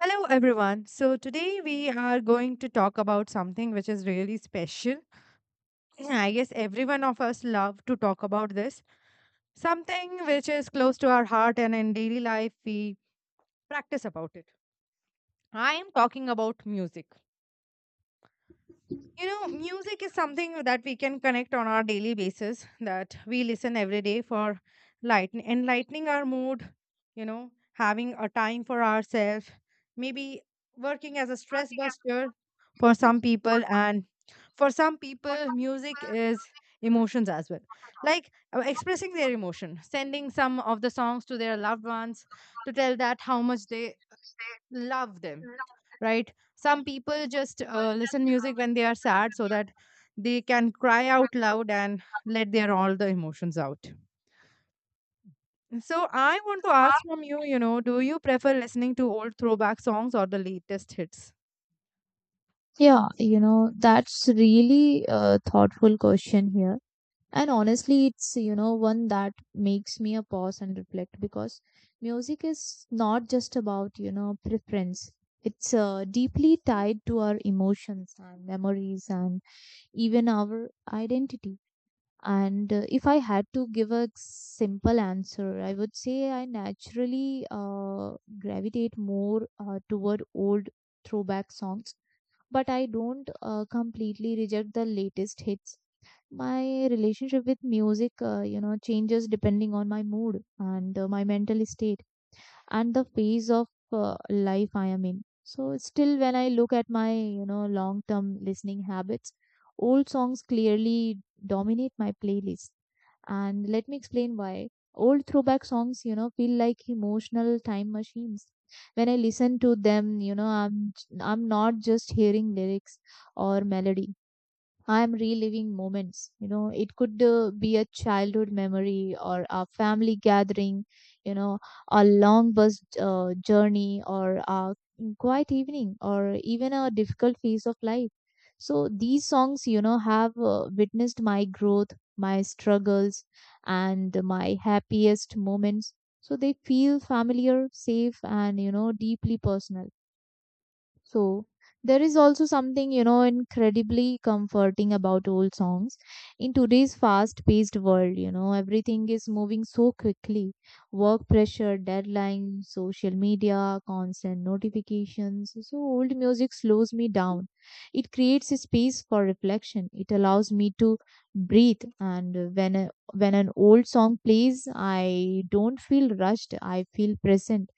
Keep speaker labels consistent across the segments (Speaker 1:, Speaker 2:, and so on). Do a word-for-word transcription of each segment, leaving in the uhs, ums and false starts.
Speaker 1: Hello, everyone. So, today we are going to talk about something which is really special. I guess every one of us love to talk about this. Something which is close to our heart, and in daily life, we practice about it. I am talking about music. You know, music is something that we can connect on our daily basis, that we listen every day for lighten enlightening our mood, you know, having a time for ourselves, maybe working as a stress buster for some people. And for some people, music is emotions as well, like uh, expressing their emotion, sending some of the songs to their loved ones to tell that how much they love them, right? Some people just uh, listen music when they are sad so that they can cry out loud and let their all the emotions out. So I want to ask from you, you know, do you prefer listening to old throwback songs or the latest hits?
Speaker 2: Yeah, you know, that's really a thoughtful question here. And honestly, it's, you know, one that makes me a pause and reflect because music is not just about, you know, preference. It's uh, deeply tied to our emotions and memories and even our identity. And uh, if I had to give a simple answer, I would say I naturally uh, gravitate more uh, toward old throwback songs, but I don't uh, completely reject the latest hits. My relationship with music, uh, you know, changes depending on my mood and uh, my mental state and the phase of uh, life I am in. So, still, when I look at my, you know, long term listening habits, old songs clearly dominate my playlist, and let me explain why. Old throwback songs, you know, feel like emotional time machines. When I listen to them, you know, I'm I'm not just hearing lyrics or melody. I'm reliving moments. You know, it could uh, be a childhood memory or a family gathering, you know, a long bus uh, journey or a quiet evening or even a difficult phase of life. So these songs, you know, have uh, witnessed my growth, my struggles, and my happiest moments. So they feel familiar, safe, and, you know, deeply personal. So there is also something, you know, incredibly comforting about old songs. In today's fast paced world, you know, everything is moving so quickly. Work pressure, deadlines, social media, constant notifications. So old music slows me down. It creates a space for reflection. It allows me to breathe. And when, a, when an old song plays, I don't feel rushed. I feel present,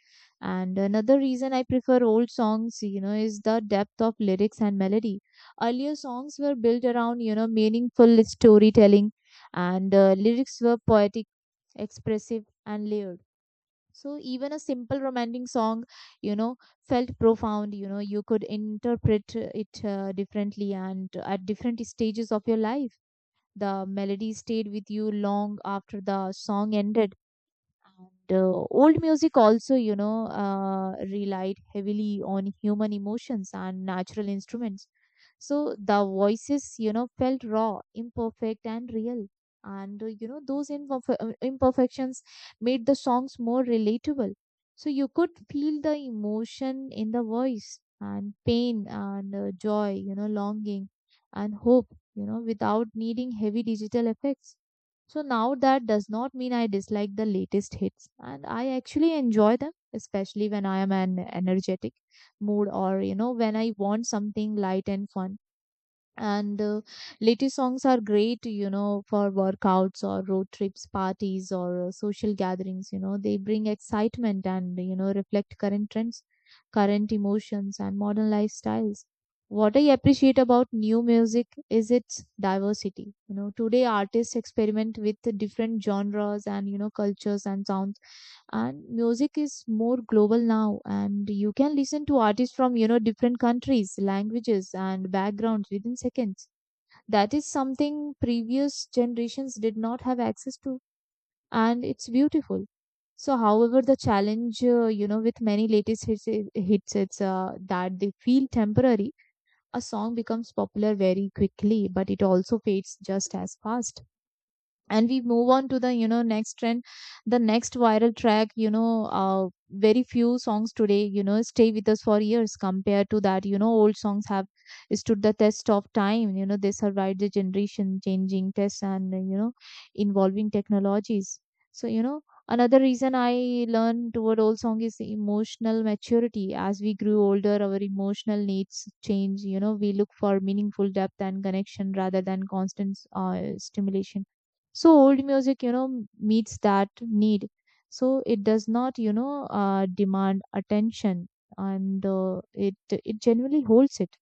Speaker 2: and another reason I prefer old songs, you know, is the depth of lyrics and melody. Earlier songs were built around, you know, meaningful storytelling, and uh, lyrics were poetic, expressive, and layered. So even a simple romantic song, you know, felt profound. You know, you could interpret uh, it uh, differently and at different stages of your life. The melody stayed with you long after the song ended, and uh, old music also, you know, uh, relied heavily on human emotions and natural instruments. So the voices, you know, felt raw, imperfect, and real. And, uh, you know, those imperf- uh, imperfections made the songs more relatable. So you could feel the emotion in the voice and pain and uh, joy, you know, longing and hope, you know, without needing heavy digital effects. So now that does not mean I dislike the latest hits, and I actually enjoy them, especially when I am an energetic mood or you know when I want something light and fun, and uh, latest songs are great you know for workouts or road trips, parties, or uh, social gatherings. You know they bring excitement and you know reflect current trends, current emotions, and modern lifestyles. What I appreciate about new music is its diversity. You know today, artists experiment with the different genres and you know cultures and sounds, and music is more global now, and you can listen to artists from you know different countries, languages, and backgrounds within seconds. That is something previous generations did not have access to, and it's beautiful. So, however, the challenge uh, you know with many latest hits i- hits it's uh, that they feel temporary. A song becomes popular very quickly, but it also fades just as fast, and we move on to the you know next trend, the next viral track you know uh, Very few songs today you know stay with us for years. Compared to that you know old songs have stood the test of time. You know they survived the generation changing tests and you know involving technologies. So, you know another reason I learned toward old song is emotional maturity. As we grew older, our emotional needs change. You know we look for meaningful depth and connection rather than constant uh, stimulation. So old music you know meets that need. So it does not you know uh, demand attention. And uh, it it genuinely holds it.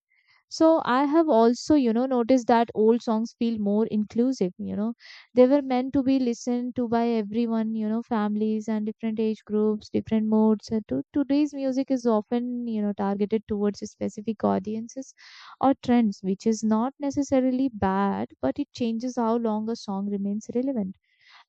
Speaker 2: So I have also, you know, noticed that old songs feel more inclusive, you know. They were meant to be listened to by everyone, you know, families and different age groups, different moods. Uh, to- Today's music is often, you know, targeted towards specific audiences or trends, which is not necessarily bad, but it changes how long a song remains relevant.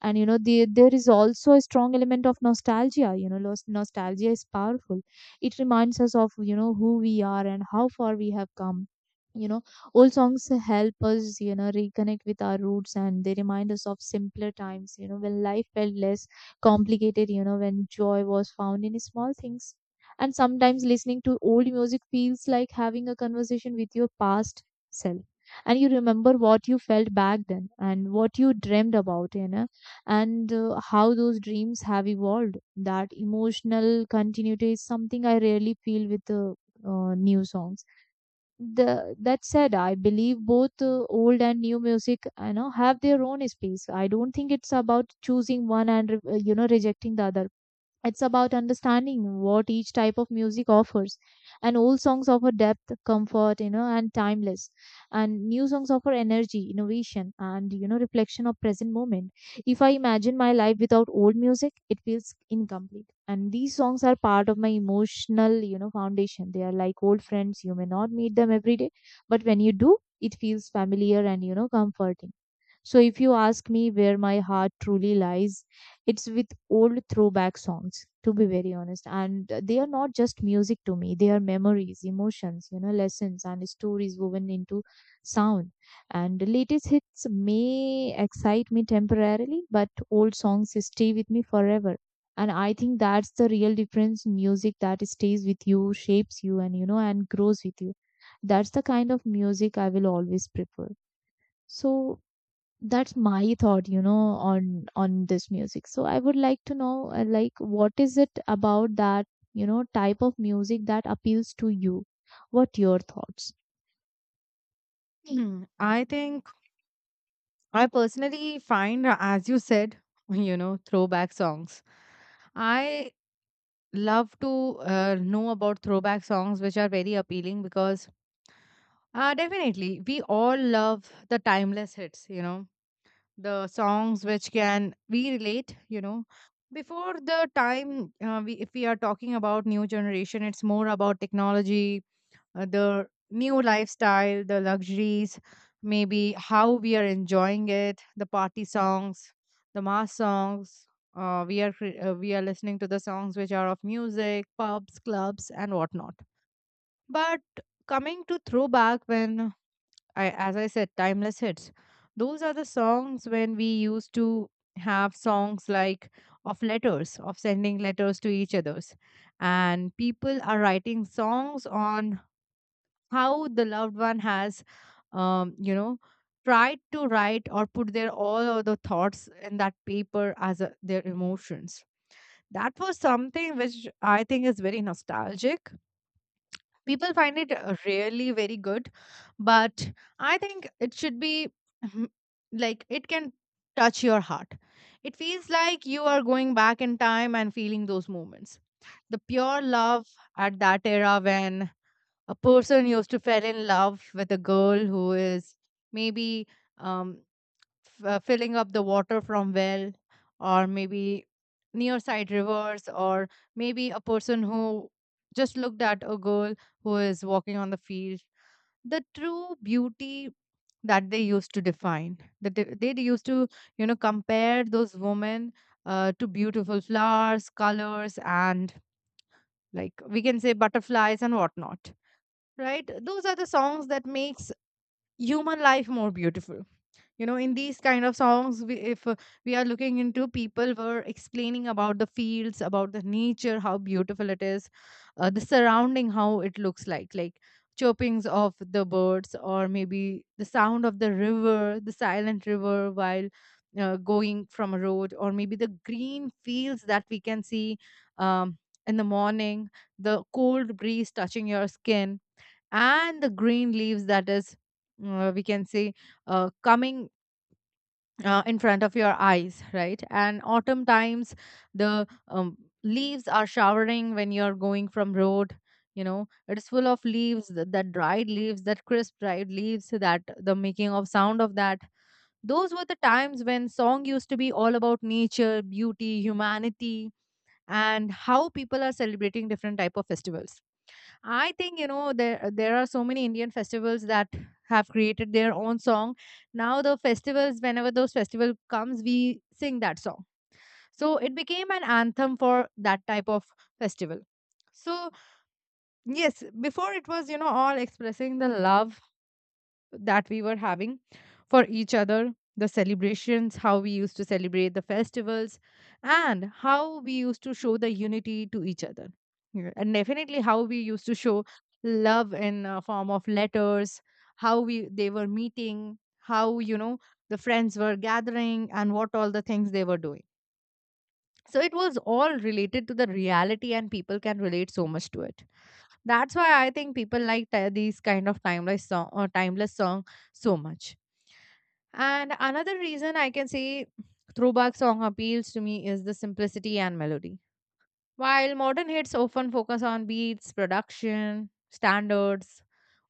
Speaker 2: And you know the, there is also a strong element of nostalgia. You know los- nostalgia is powerful. It reminds us of you know who we are and how far we have come you know Old songs help us you know reconnect with our roots, and they remind us of simpler times, you know when life felt less complicated, you know when joy was found in small things. And sometimes listening to old music feels like having a conversation with your past self, and you remember what you felt back then and what you dreamed about you know and uh, how those dreams have evolved. That emotional continuity is something I rarely feel with uh, uh, new songs. The That said, I believe both uh, old and new music, you know, have their own space. I don't think it's about choosing one and re- uh, you know rejecting the other. It's about understanding what each type of music offers. And old songs offer depth, comfort, you know, and timeless. And new songs offer energy, innovation, and you know, reflection of present moment. If I imagine my life without old music, it feels incomplete. And these songs are part of my emotional, you know, foundation. They are like old friends. You may not meet them every day, but when you do, it feels familiar and you know, comforting. So if you ask me where my heart truly lies, it's with old throwback songs, to be very honest. And they are not just music to me. They are memories, emotions, you know lessons, and stories woven into sound. And the latest hits may excite me temporarily, but old songs stay with me forever. And I think that's the real difference in music that stays with you, shapes you, and you know and grows with you. That's the kind of music I will always prefer. So that's my thought you know on on this music. So I would like to know, uh, like, what is it about that you know type of music that appeals to you? What your thoughts?
Speaker 1: Hmm, I think I personally find, uh, as you said, you know, throwback songs. I love to uh, know about throwback songs, which are very appealing because uh, definitely we all love the timeless hits, you know, the songs which can we relate, you know. Before the time, uh, we, if we are talking about new generation, it's more about technology, uh, the new lifestyle, the luxuries, maybe how we are enjoying it, the party songs, the mass songs. Uh, we are cre- uh, we are listening to the songs which are of music, pubs, clubs, and whatnot. But coming to throwback, when I, as I said, timeless hits. Those are the songs when we used to have songs like of letters, of sending letters to each others, and people are writing songs on how the loved one has um, you know tried to write or put their all of the thoughts in that paper as a, their emotions. That was something which I think is very nostalgic. People find it uh, really very good, but I think it should be mhm, like it can touch your heart. It feels like you are going back in time and feeling those moments, the pure love at that era, when a person used to fell in love with a girl who is maybe um, f- uh, filling up the water from well, or maybe near side rivers, or maybe a person who just looked at a girl who is walking on the field. The true beauty that they used to define, that they, they used to, you know, compare those women uh, to beautiful flowers, colors, and like we can say butterflies and whatnot, right? Those are the songs that makes human life more beautiful. You know, in these kind of songs we, if uh, we are looking into people were explaining about the fields, about the nature, how beautiful it is, uh, the surrounding, how it looks like like chirpings of the birds, or maybe the sound of the river, the silent river while uh, going from a road, or maybe the green fields that we can see, um, in the morning, the cold breeze touching your skin, and the green leaves that is, uh, we can say, uh, coming uh, in front of your eyes, right? And autumn times, the um, leaves are showering when you're going from road. You know, it's full of leaves, th- that dried leaves, that crisp dried leaves, that the making of sound of that. Those were the times when song used to be all about nature, beauty, humanity, and how people are celebrating different type of festivals. I think, you know, there there are so many Indian festivals that have created their own song. Now the festivals, whenever those festival comes, we sing that song. So it became an anthem for that type of festival. So yes, before it was, you know, all expressing the love that we were having for each other, the celebrations, how we used to celebrate the festivals, and how we used to show the unity to each other. Yeah. And definitely how we used to show love in a form of letters, how we they were meeting, how, you know, the friends were gathering and what all the things they were doing. So it was all related to the reality and people can relate so much to it. That's why I think people like ti- these kind of timeless song or timeless song so much. And another reason I can say throwback song appeals to me is the simplicity and melody. While modern hits often focus on beats, production, standards,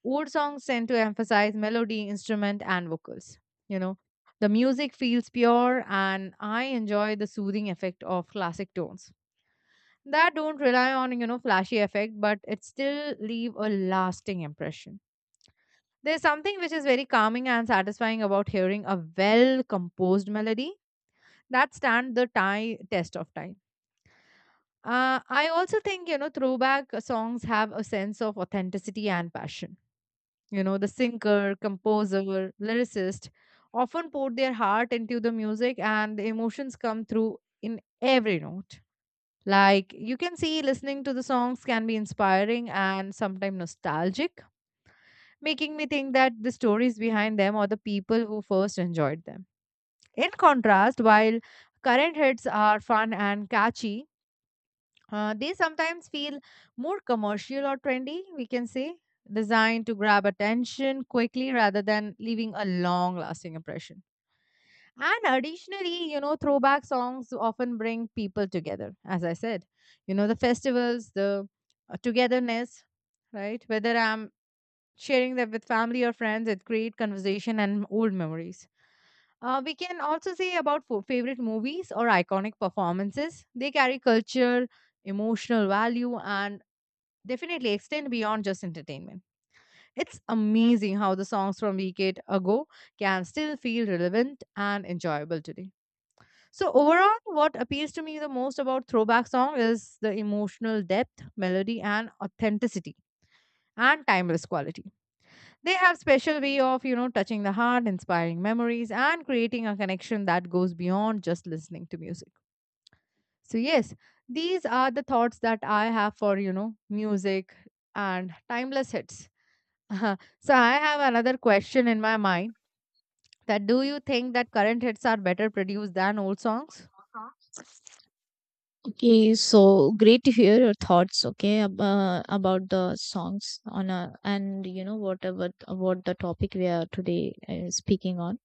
Speaker 1: old songs tend to emphasize melody, instrument, and vocals. You know, the music feels pure, and I enjoy the soothing effect of classic tones that don't rely on, you know, flashy effect, but it still leave a lasting impression. There's something which is very calming and satisfying about hearing a well composed melody that stand the time test of time. uh, I also think, you know, throwback songs have a sense of authenticity and passion. You know, the singer, composer, lyricist often pour their heart into the music and the emotions come through in every note. Like you can see, listening to the songs can be inspiring and sometimes nostalgic, making me think that the stories behind them or the people who first enjoyed them. In contrast, while current hits are fun and catchy, uh, they sometimes feel more commercial or trendy, we can say, designed to grab attention quickly rather than leaving a long lasting impression. And additionally, you know, throwback songs often bring people together, as I said. You know, the festivals, the uh, togetherness, right? Whether I'm sharing that with family or friends, it creates conversation and old memories. Uh, we can also say about fo- favorite movies or iconic performances. They carry culture, emotional value, and definitely extend beyond just entertainment. It's amazing how the songs from a decade ago can still feel relevant and enjoyable today. So overall, what appeals to me the most about throwback song is the emotional depth, melody, and authenticity and timeless quality. They have special way of, you know, touching the heart, inspiring memories, and creating a connection that goes beyond just listening to music. So yes, these are the thoughts that I have for, you know, music and timeless hits. So I have another question in my mind, that do you think that current hits are better produced than old songs?
Speaker 2: Okay, so great to hear your thoughts, okay, ab- uh, about the songs on a, and you know whatever what the topic we are today uh, speaking on.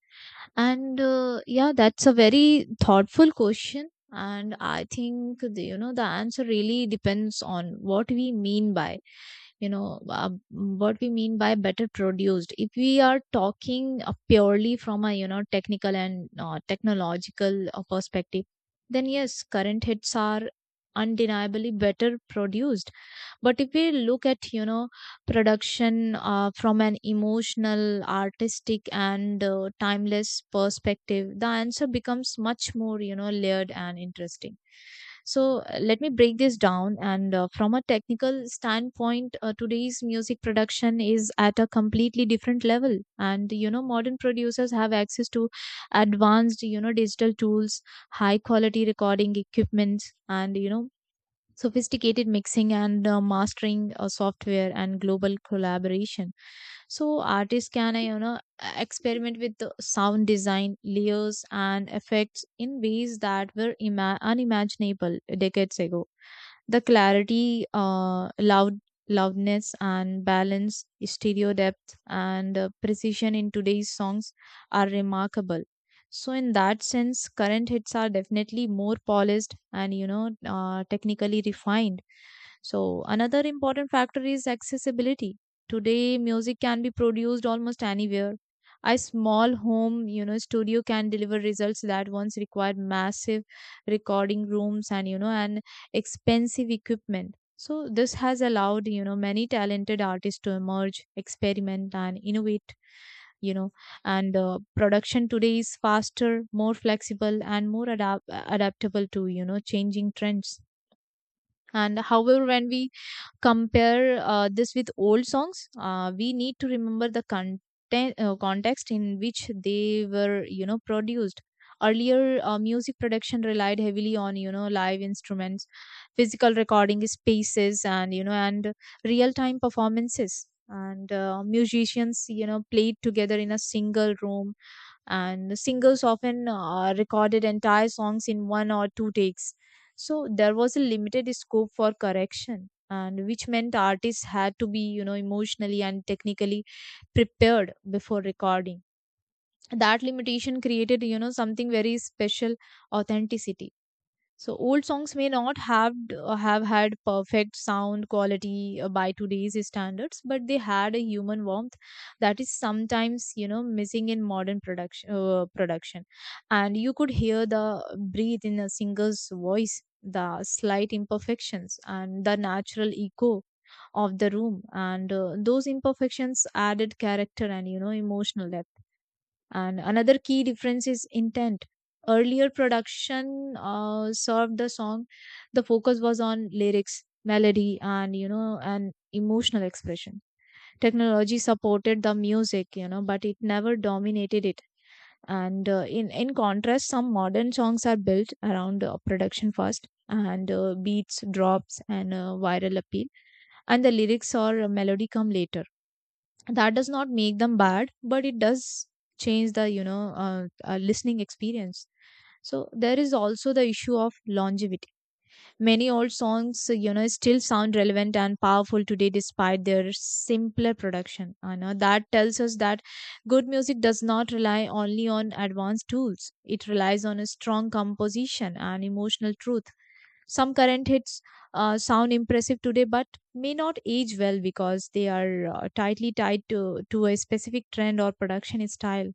Speaker 2: And uh, yeah, that's a very thoughtful question, and I think the, you know the answer really depends on what we mean by you know uh, what we mean by better produced. If we are talking uh, purely from a you know technical and uh, technological uh, perspective, then yes, current hits are undeniably better produced. But if we look at, you know, production uh, from an emotional, artistic, and uh, timeless perspective, the answer becomes much more, you know, layered and interesting. So uh, let me break this down. And uh, from a technical standpoint, uh, today's music production is at a completely different level. And, you know, modern producers have access to advanced, you know, digital tools, high quality recording equipment, and you know sophisticated mixing and uh, mastering uh, software, and global collaboration, so artists can, uh, you know, e-, experiment with the sound design, layers, and effects in ways that were ima- unimaginable decades ago. The clarity, uh, loud loudness and balance, stereo depth, and uh, precision in today's songs are remarkable. So in that sense, current hits are definitely more polished and you know uh, technically refined. So, another important factor is accessibility. Today, music can be produced almost anywhere. A small home, you know, studio can deliver results that once required massive recording rooms and, you know, and expensive equipment. So, this has allowed, you know, many talented artists to emerge, experiment, and innovate, you know, and uh, production today is faster, more flexible, and more adapt- adaptable to, you know, changing trends. And however, when we compare uh, this with old songs, uh, we need to remember the content, uh, context in which they were, you know, produced. Earlier, uh, music production relied heavily on, you know, live instruments, physical recording spaces, and, you know and real time performances, and uh, musicians, you know, played together in a single room, and singers often uh, recorded entire songs in one or two takes. So there was a limited scope for correction and which meant artists had to be, you know, emotionally and technically prepared before recording. That limitation created, you know, something very special: authenticity. So old songs may not have uh, have had perfect sound quality uh, by today's standards, but they had a human warmth that is sometimes, you know, missing in modern production. Uh, production, and you could hear the uh, breathe in a singer's voice, the slight imperfections, and the natural echo of the room, and uh, those imperfections added character and, you know, emotional depth. And another key difference is intent. Earlier production uh, served the song. The focus was on lyrics, melody, and, you know, and emotional expression. Technology supported the music, you know, but it never dominated it. And uh, in in contrast, some modern songs are built around uh, production first and uh, beats, drops, and uh, viral appeal, and the lyrics or melody come later. That does not make them bad, but it does change the, you know uh, uh, listening experience. So there is also the issue of longevity. Many old songs, you know, still sound relevant and powerful today despite their simpler production. Uh, you know, that tells us that good music does not rely only on advanced tools. It relies on a strong composition and emotional truth. Some current hits uh, sound impressive today but may not age well because they are uh, tightly tied to, to a specific trend or production style.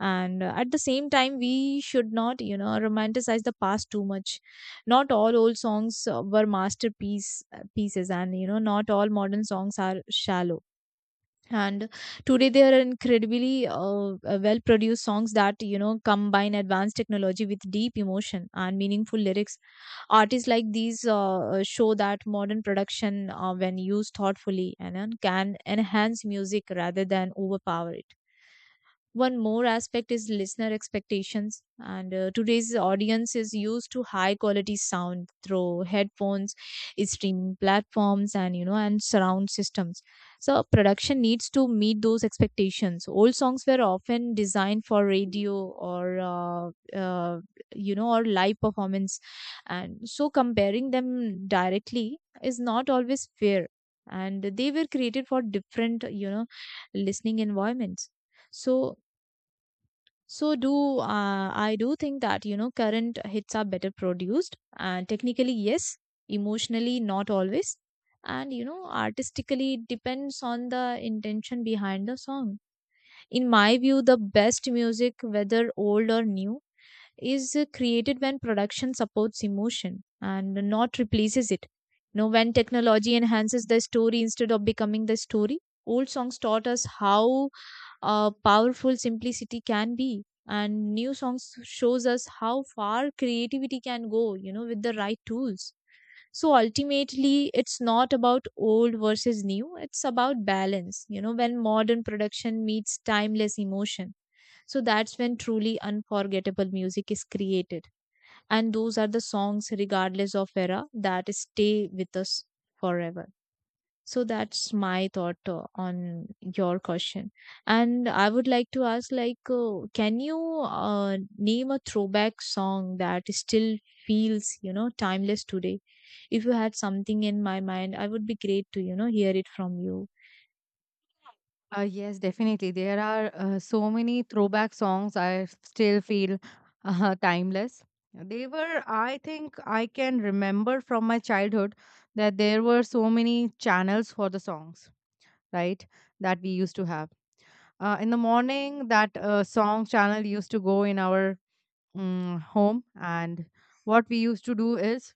Speaker 2: And uh, at the same time, we should not, you know, romanticize the past too much. Not all old songs uh, were masterpiece uh, pieces, and, you know, not all modern songs are shallow. And today, there are incredibly uh, well produced songs that, you know, combine advanced technology with deep emotion and meaningful lyrics. Artists like these uh, uh, show that modern production, uh, when used thoughtfully, and then can enhance music rather than overpower it. One more aspect is listener expectations, and uh, today's audience is used to high quality sound through headphones, eh, streaming platforms, and, you know and surround systems. So production needs to meet those expectations. Old songs were often designed for radio or, uh, uh, you know, or live performance, and so comparing them directly is not always fair, and they were created for different, you know, listening environments. So so do uh, I do think that, you know, current hits are better produced, and technically yes, emotionally not always, and, you know, artistically it depends on the intention behind the song. In my view, the best music, whether old or new, is uh, created when production supports emotion and not replaces it. You know, when technology enhances the story instead of becoming the story. Old songs taught us how uh, powerful simplicity can be, and new songs shows us how far creativity can go, you know, with the right tools. So ultimately, it's not about old versus new. It's about balance, you know, when modern production meets timeless emotion. So that's when truly unforgettable music is created, and those are the songs, regardless of era, that stay with us forever. So that's my thought uh, on your question. And I would like to ask, like, uh, can you uh, name a throwback song that still feels, you know, timeless today? If you had something in my mind, I would be great to, you know, hear it from you.
Speaker 1: Uh, yes, definitely. There are uh, so many throwback songs I still feel uh, timeless. They were, I think, I can remember from my childhood that there were so many channels for the songs, right? That we used to have. Uh, in the morning, that uh, song channel used to go in our um, home, and what we used to do is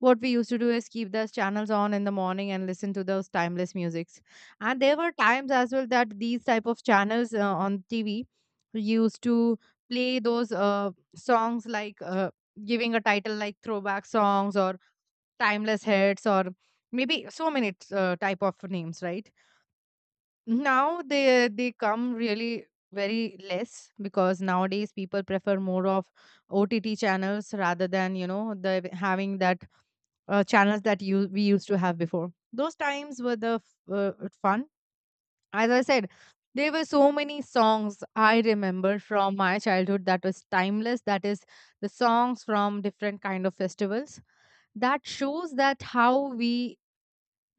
Speaker 1: what we used to do is keep those channels on in the morning and listen to those timeless musics. And there were times as well that these type of channels uh, on TV used to play those uh, songs, like uh, giving a title like throwback songs or timeless hits, or maybe so many uh, type of names, right? Now they they come really very less because nowadays people prefer more of OTT channels rather than, you know, the having that uh, channels that you we used to have before. Those times were the f- uh, fun. As I said, there were so many songs I remember from my childhood that was timeless. That is the songs from different kind of festivals. That shows that how we,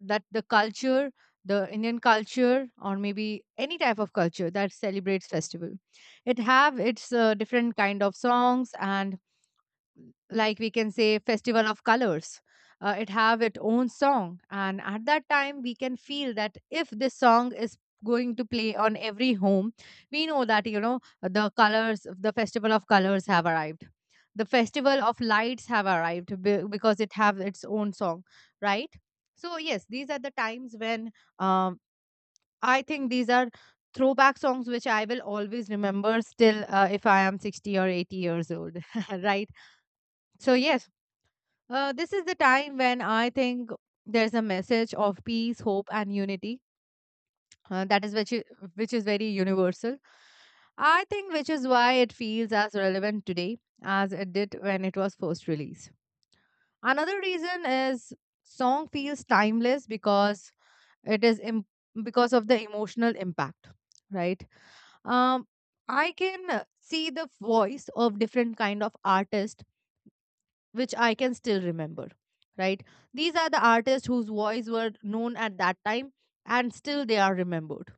Speaker 1: that the culture, the Indian culture, or maybe any type of culture that celebrates festival, it have its uh, different kind of songs. And like we can say, festival of colors, uh, it have its own song, and at that time we can feel that if this song is going to play on every home, we know that, you know, the colors, the festival of colors have arrived, the festival of lights have arrived, be- because it have its own song, right? So yes, these are the times when, um, I think these are throwback songs which I will always remember still, uh, if I am sixty or eighty years old, right? So yes, uh, this is the time when I think there's a message of peace, hope, and unity. Uh, that is which is, which is very universal. I think which is why it feels as relevant today as it did when it was first released. Another reason is song feels timeless because it is Im- because of the emotional impact, right? Um, I can uh, see the voice of different kind of artists which I can still remember, right? These are the artists whose voice were known at that time and still they are remembered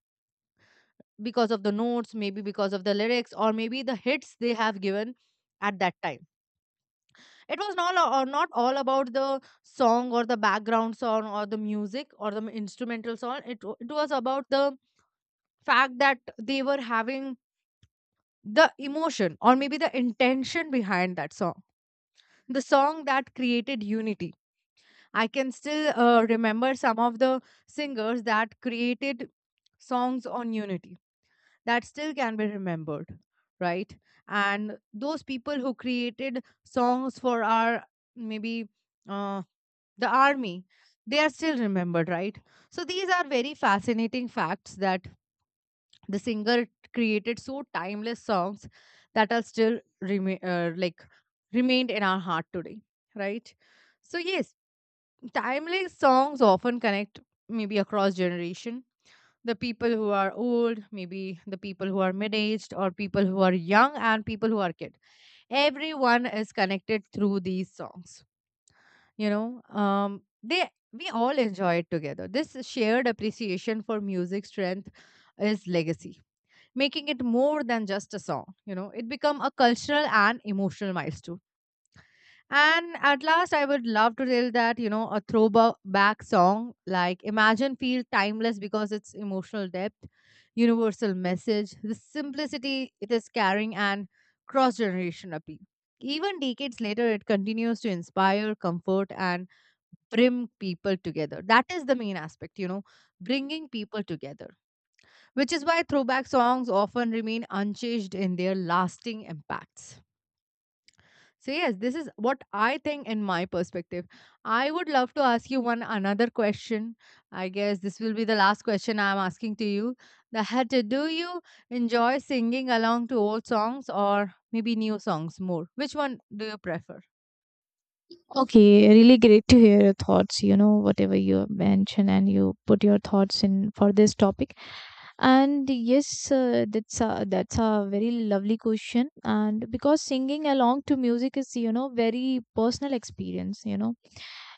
Speaker 1: because of the notes, maybe because of the lyrics, or maybe the hits they have given at that time. It was not, or not all about the song or the background song or the music or the instrumental song. It, wa- it was about the fact that they were having the emotion or maybe the intention behind that song. The song that created unity. I can still uh, remember some of the singers that created songs on Unity that still can be remembered, right? And those people who created songs for our maybe uh, the army, they are still remembered, right? So these are very fascinating facts that the singer created so timeless songs that are still remain uh, like remained in our heart today, right? So yes, timeless songs often connect maybe across generation. The people who are old, maybe the people who are mid-aged, or people who are young, and people who are kid, everyone is connected through these songs. You know, um, they we all enjoy it together. This shared appreciation for music strength is legacy, making it more than just a song. You know, it become a cultural and emotional milestone. And at last, I would love to tell that, you know, a throwback song like Imagine feel timeless because it's emotional depth, universal message, the simplicity it is carrying, and cross generation appeal. Even decades later, it continues to inspire, comfort, and bring people together. That is the main aspect, you know, bringing people together, which is why throwback songs often remain unchanged in their lasting impacts. So, yes, this is what I think in my perspective. I would love to ask you one another question. I guess this will be the last question I'm asking to you. That uh, do you enjoy singing along to old songs or maybe new songs more? Which one do you prefer?
Speaker 2: Okay, really great to hear your thoughts, you know, whatever you mention and you put your thoughts in for this topic. And yes, uh, that's a, that's a very lovely question. And because singing along to music is, you know, very personal experience, you know,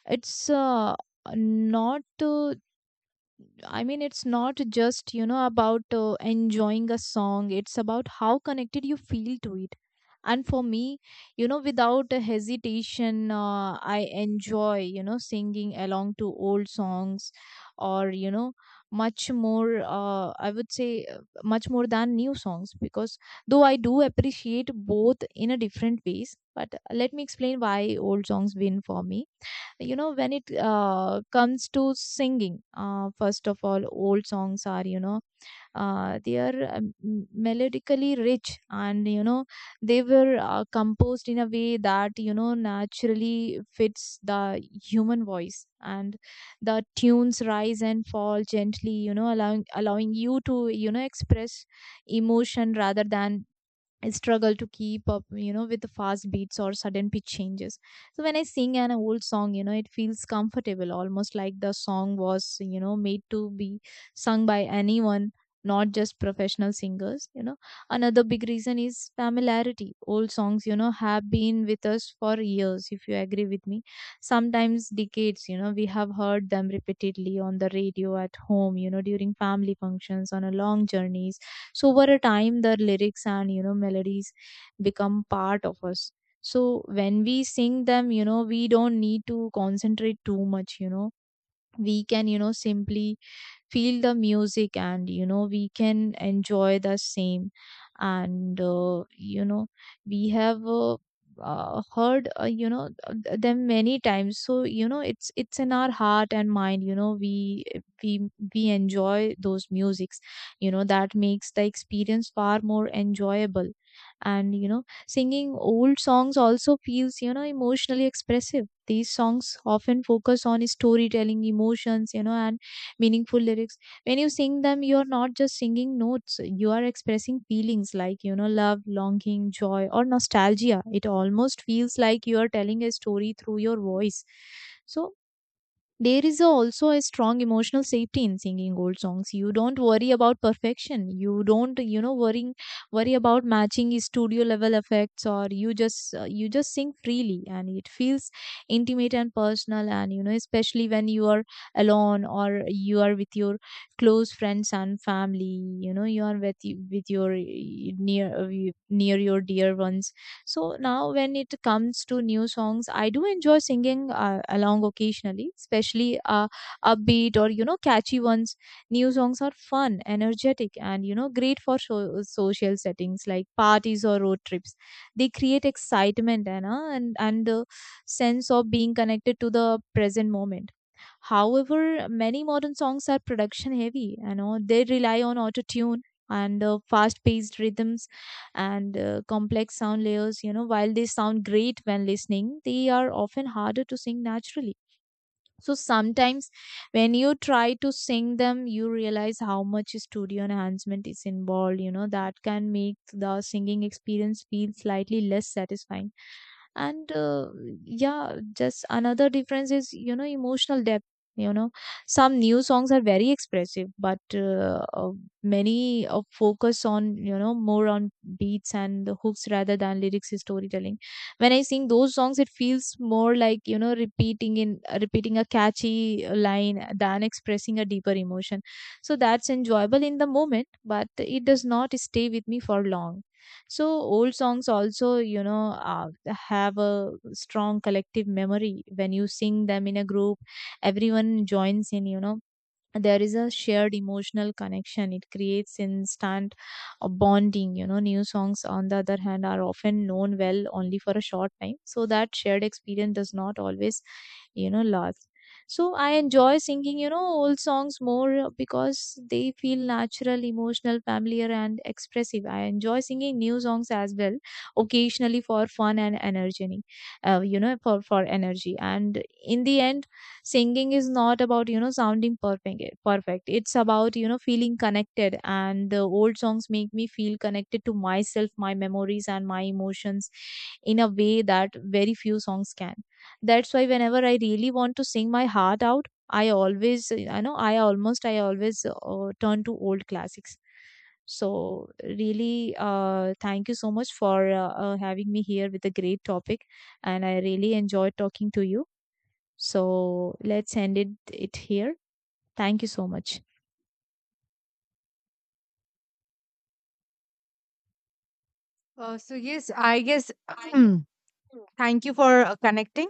Speaker 2: it's uh, not uh, I mean, it's not just, you know, about uh, enjoying a song, it's about how connected you feel to it. And for me, you know, without a hesitation, uh, I enjoy, you know, singing along to old songs or, you know, much more, uh, I would say, uh, much more than new songs, because though I do appreciate both in a different ways, but let me explain why old songs win for me. You know, when it uh, comes to singing, uh, first of all, old songs are, you know, uh, they are, um, m- melodically rich, and, you know, they were uh, composed in a way that, you know, naturally fits the human voice, and the tunes rise and fall gently, you know, allowing allowing you to, you know, express emotion rather than I struggle to keep up, you know, with the fast beats or sudden pitch changes. So when I sing an old song, you know, it feels comfortable, almost like the song was, you know, made to be sung by anyone, not just professional singers, you know. Another big reason is familiarity. Old songs, you know, have been with us for years, if you agree with me. Sometimes decades, you know, we have heard them repeatedly on the radio at home, you know, during family functions, on a long journey. So over a time, the lyrics and, you know, melodies become part of us. So when we sing them, you know, we don't need to concentrate too much, you know. We can, you know, simply feel the music, and, you know, we can enjoy the same. And, uh, you know, we have uh, uh, heard, uh, you know, th- them many times, so, you know, it's it's in our heart and mind, you know, we we we enjoy those musics, you know, that makes the experience far more enjoyable. And, you know, singing old songs also feels, you know, emotionally expressive. These songs often focus on storytelling emotions, you know, and meaningful lyrics. When you sing them, you're not just singing notes, you are expressing feelings like, you know, love, longing, joy, or nostalgia. It almost feels like you are telling a story through your voice. So there is also a strong emotional safety in singing old songs. You don't worry about perfection. You don't, you know, worrying worry about matching studio level effects, or you just, uh, you just sing freely, and it feels intimate and personal. And you know, especially when you are alone or you are with your close friends and family. You know, you are with with your uh, near uh, near your dear ones. So now when it comes to new songs, I do enjoy singing uh, along occasionally, especially uh, upbeat or, you know, catchy ones. New songs are fun, energetic, and, you know, great for so- social settings like parties or road trips. They create excitement and, uh, and and uh, sense of being connected to the present moment. However, many modern songs are production heavy, you know, they rely on auto-tune and uh, fast-paced rhythms and uh, complex sound layers. You know, while they sound great when listening, they are often harder to sing naturally. So sometimes when you try to sing them, you realize how much studio enhancement is involved. You know, that can make the singing experience feel slightly less satisfying. And uh, yeah, just another difference is, you know, emotional depth. You know, some new songs are very expressive, but uh, uh, many uh, focus on, you know, more on beats and the hooks rather than lyrics storytelling. When I sing those songs, it feels more like, you know, repeating in uh, repeating a catchy uh, line than expressing a deeper emotion. So that's enjoyable in the moment, but it does not stay with me for long. So old songs also, you know, uh, have a strong collective memory. When you sing them in a group, everyone joins in, you know, there is a shared emotional connection. It creates instant uh, bonding, you know. New songs on the other hand are often known well only for a short time, so that shared experience does not always, you know, last. So I enjoy singing, you know, old songs more because they feel natural, emotional, familiar, and expressive. I enjoy singing new songs as well occasionally for fun and energy, uh, you know, for for energy. And in the end, singing is not about, you know, sounding perfect perfect. It's about, you know, feeling connected, and the old songs make me feel connected to myself, my memories, and my emotions in a way that very few songs can. That's why whenever I really want to sing my heart out, I always I know I almost I always uh, turn to old classics. So really, uh, thank you so much for uh, uh, having me here with a great topic, and I really enjoyed talking to you. So let's end it, it here. Thank you so much.
Speaker 1: Uh, so, yes, I guess thank you for uh, connecting.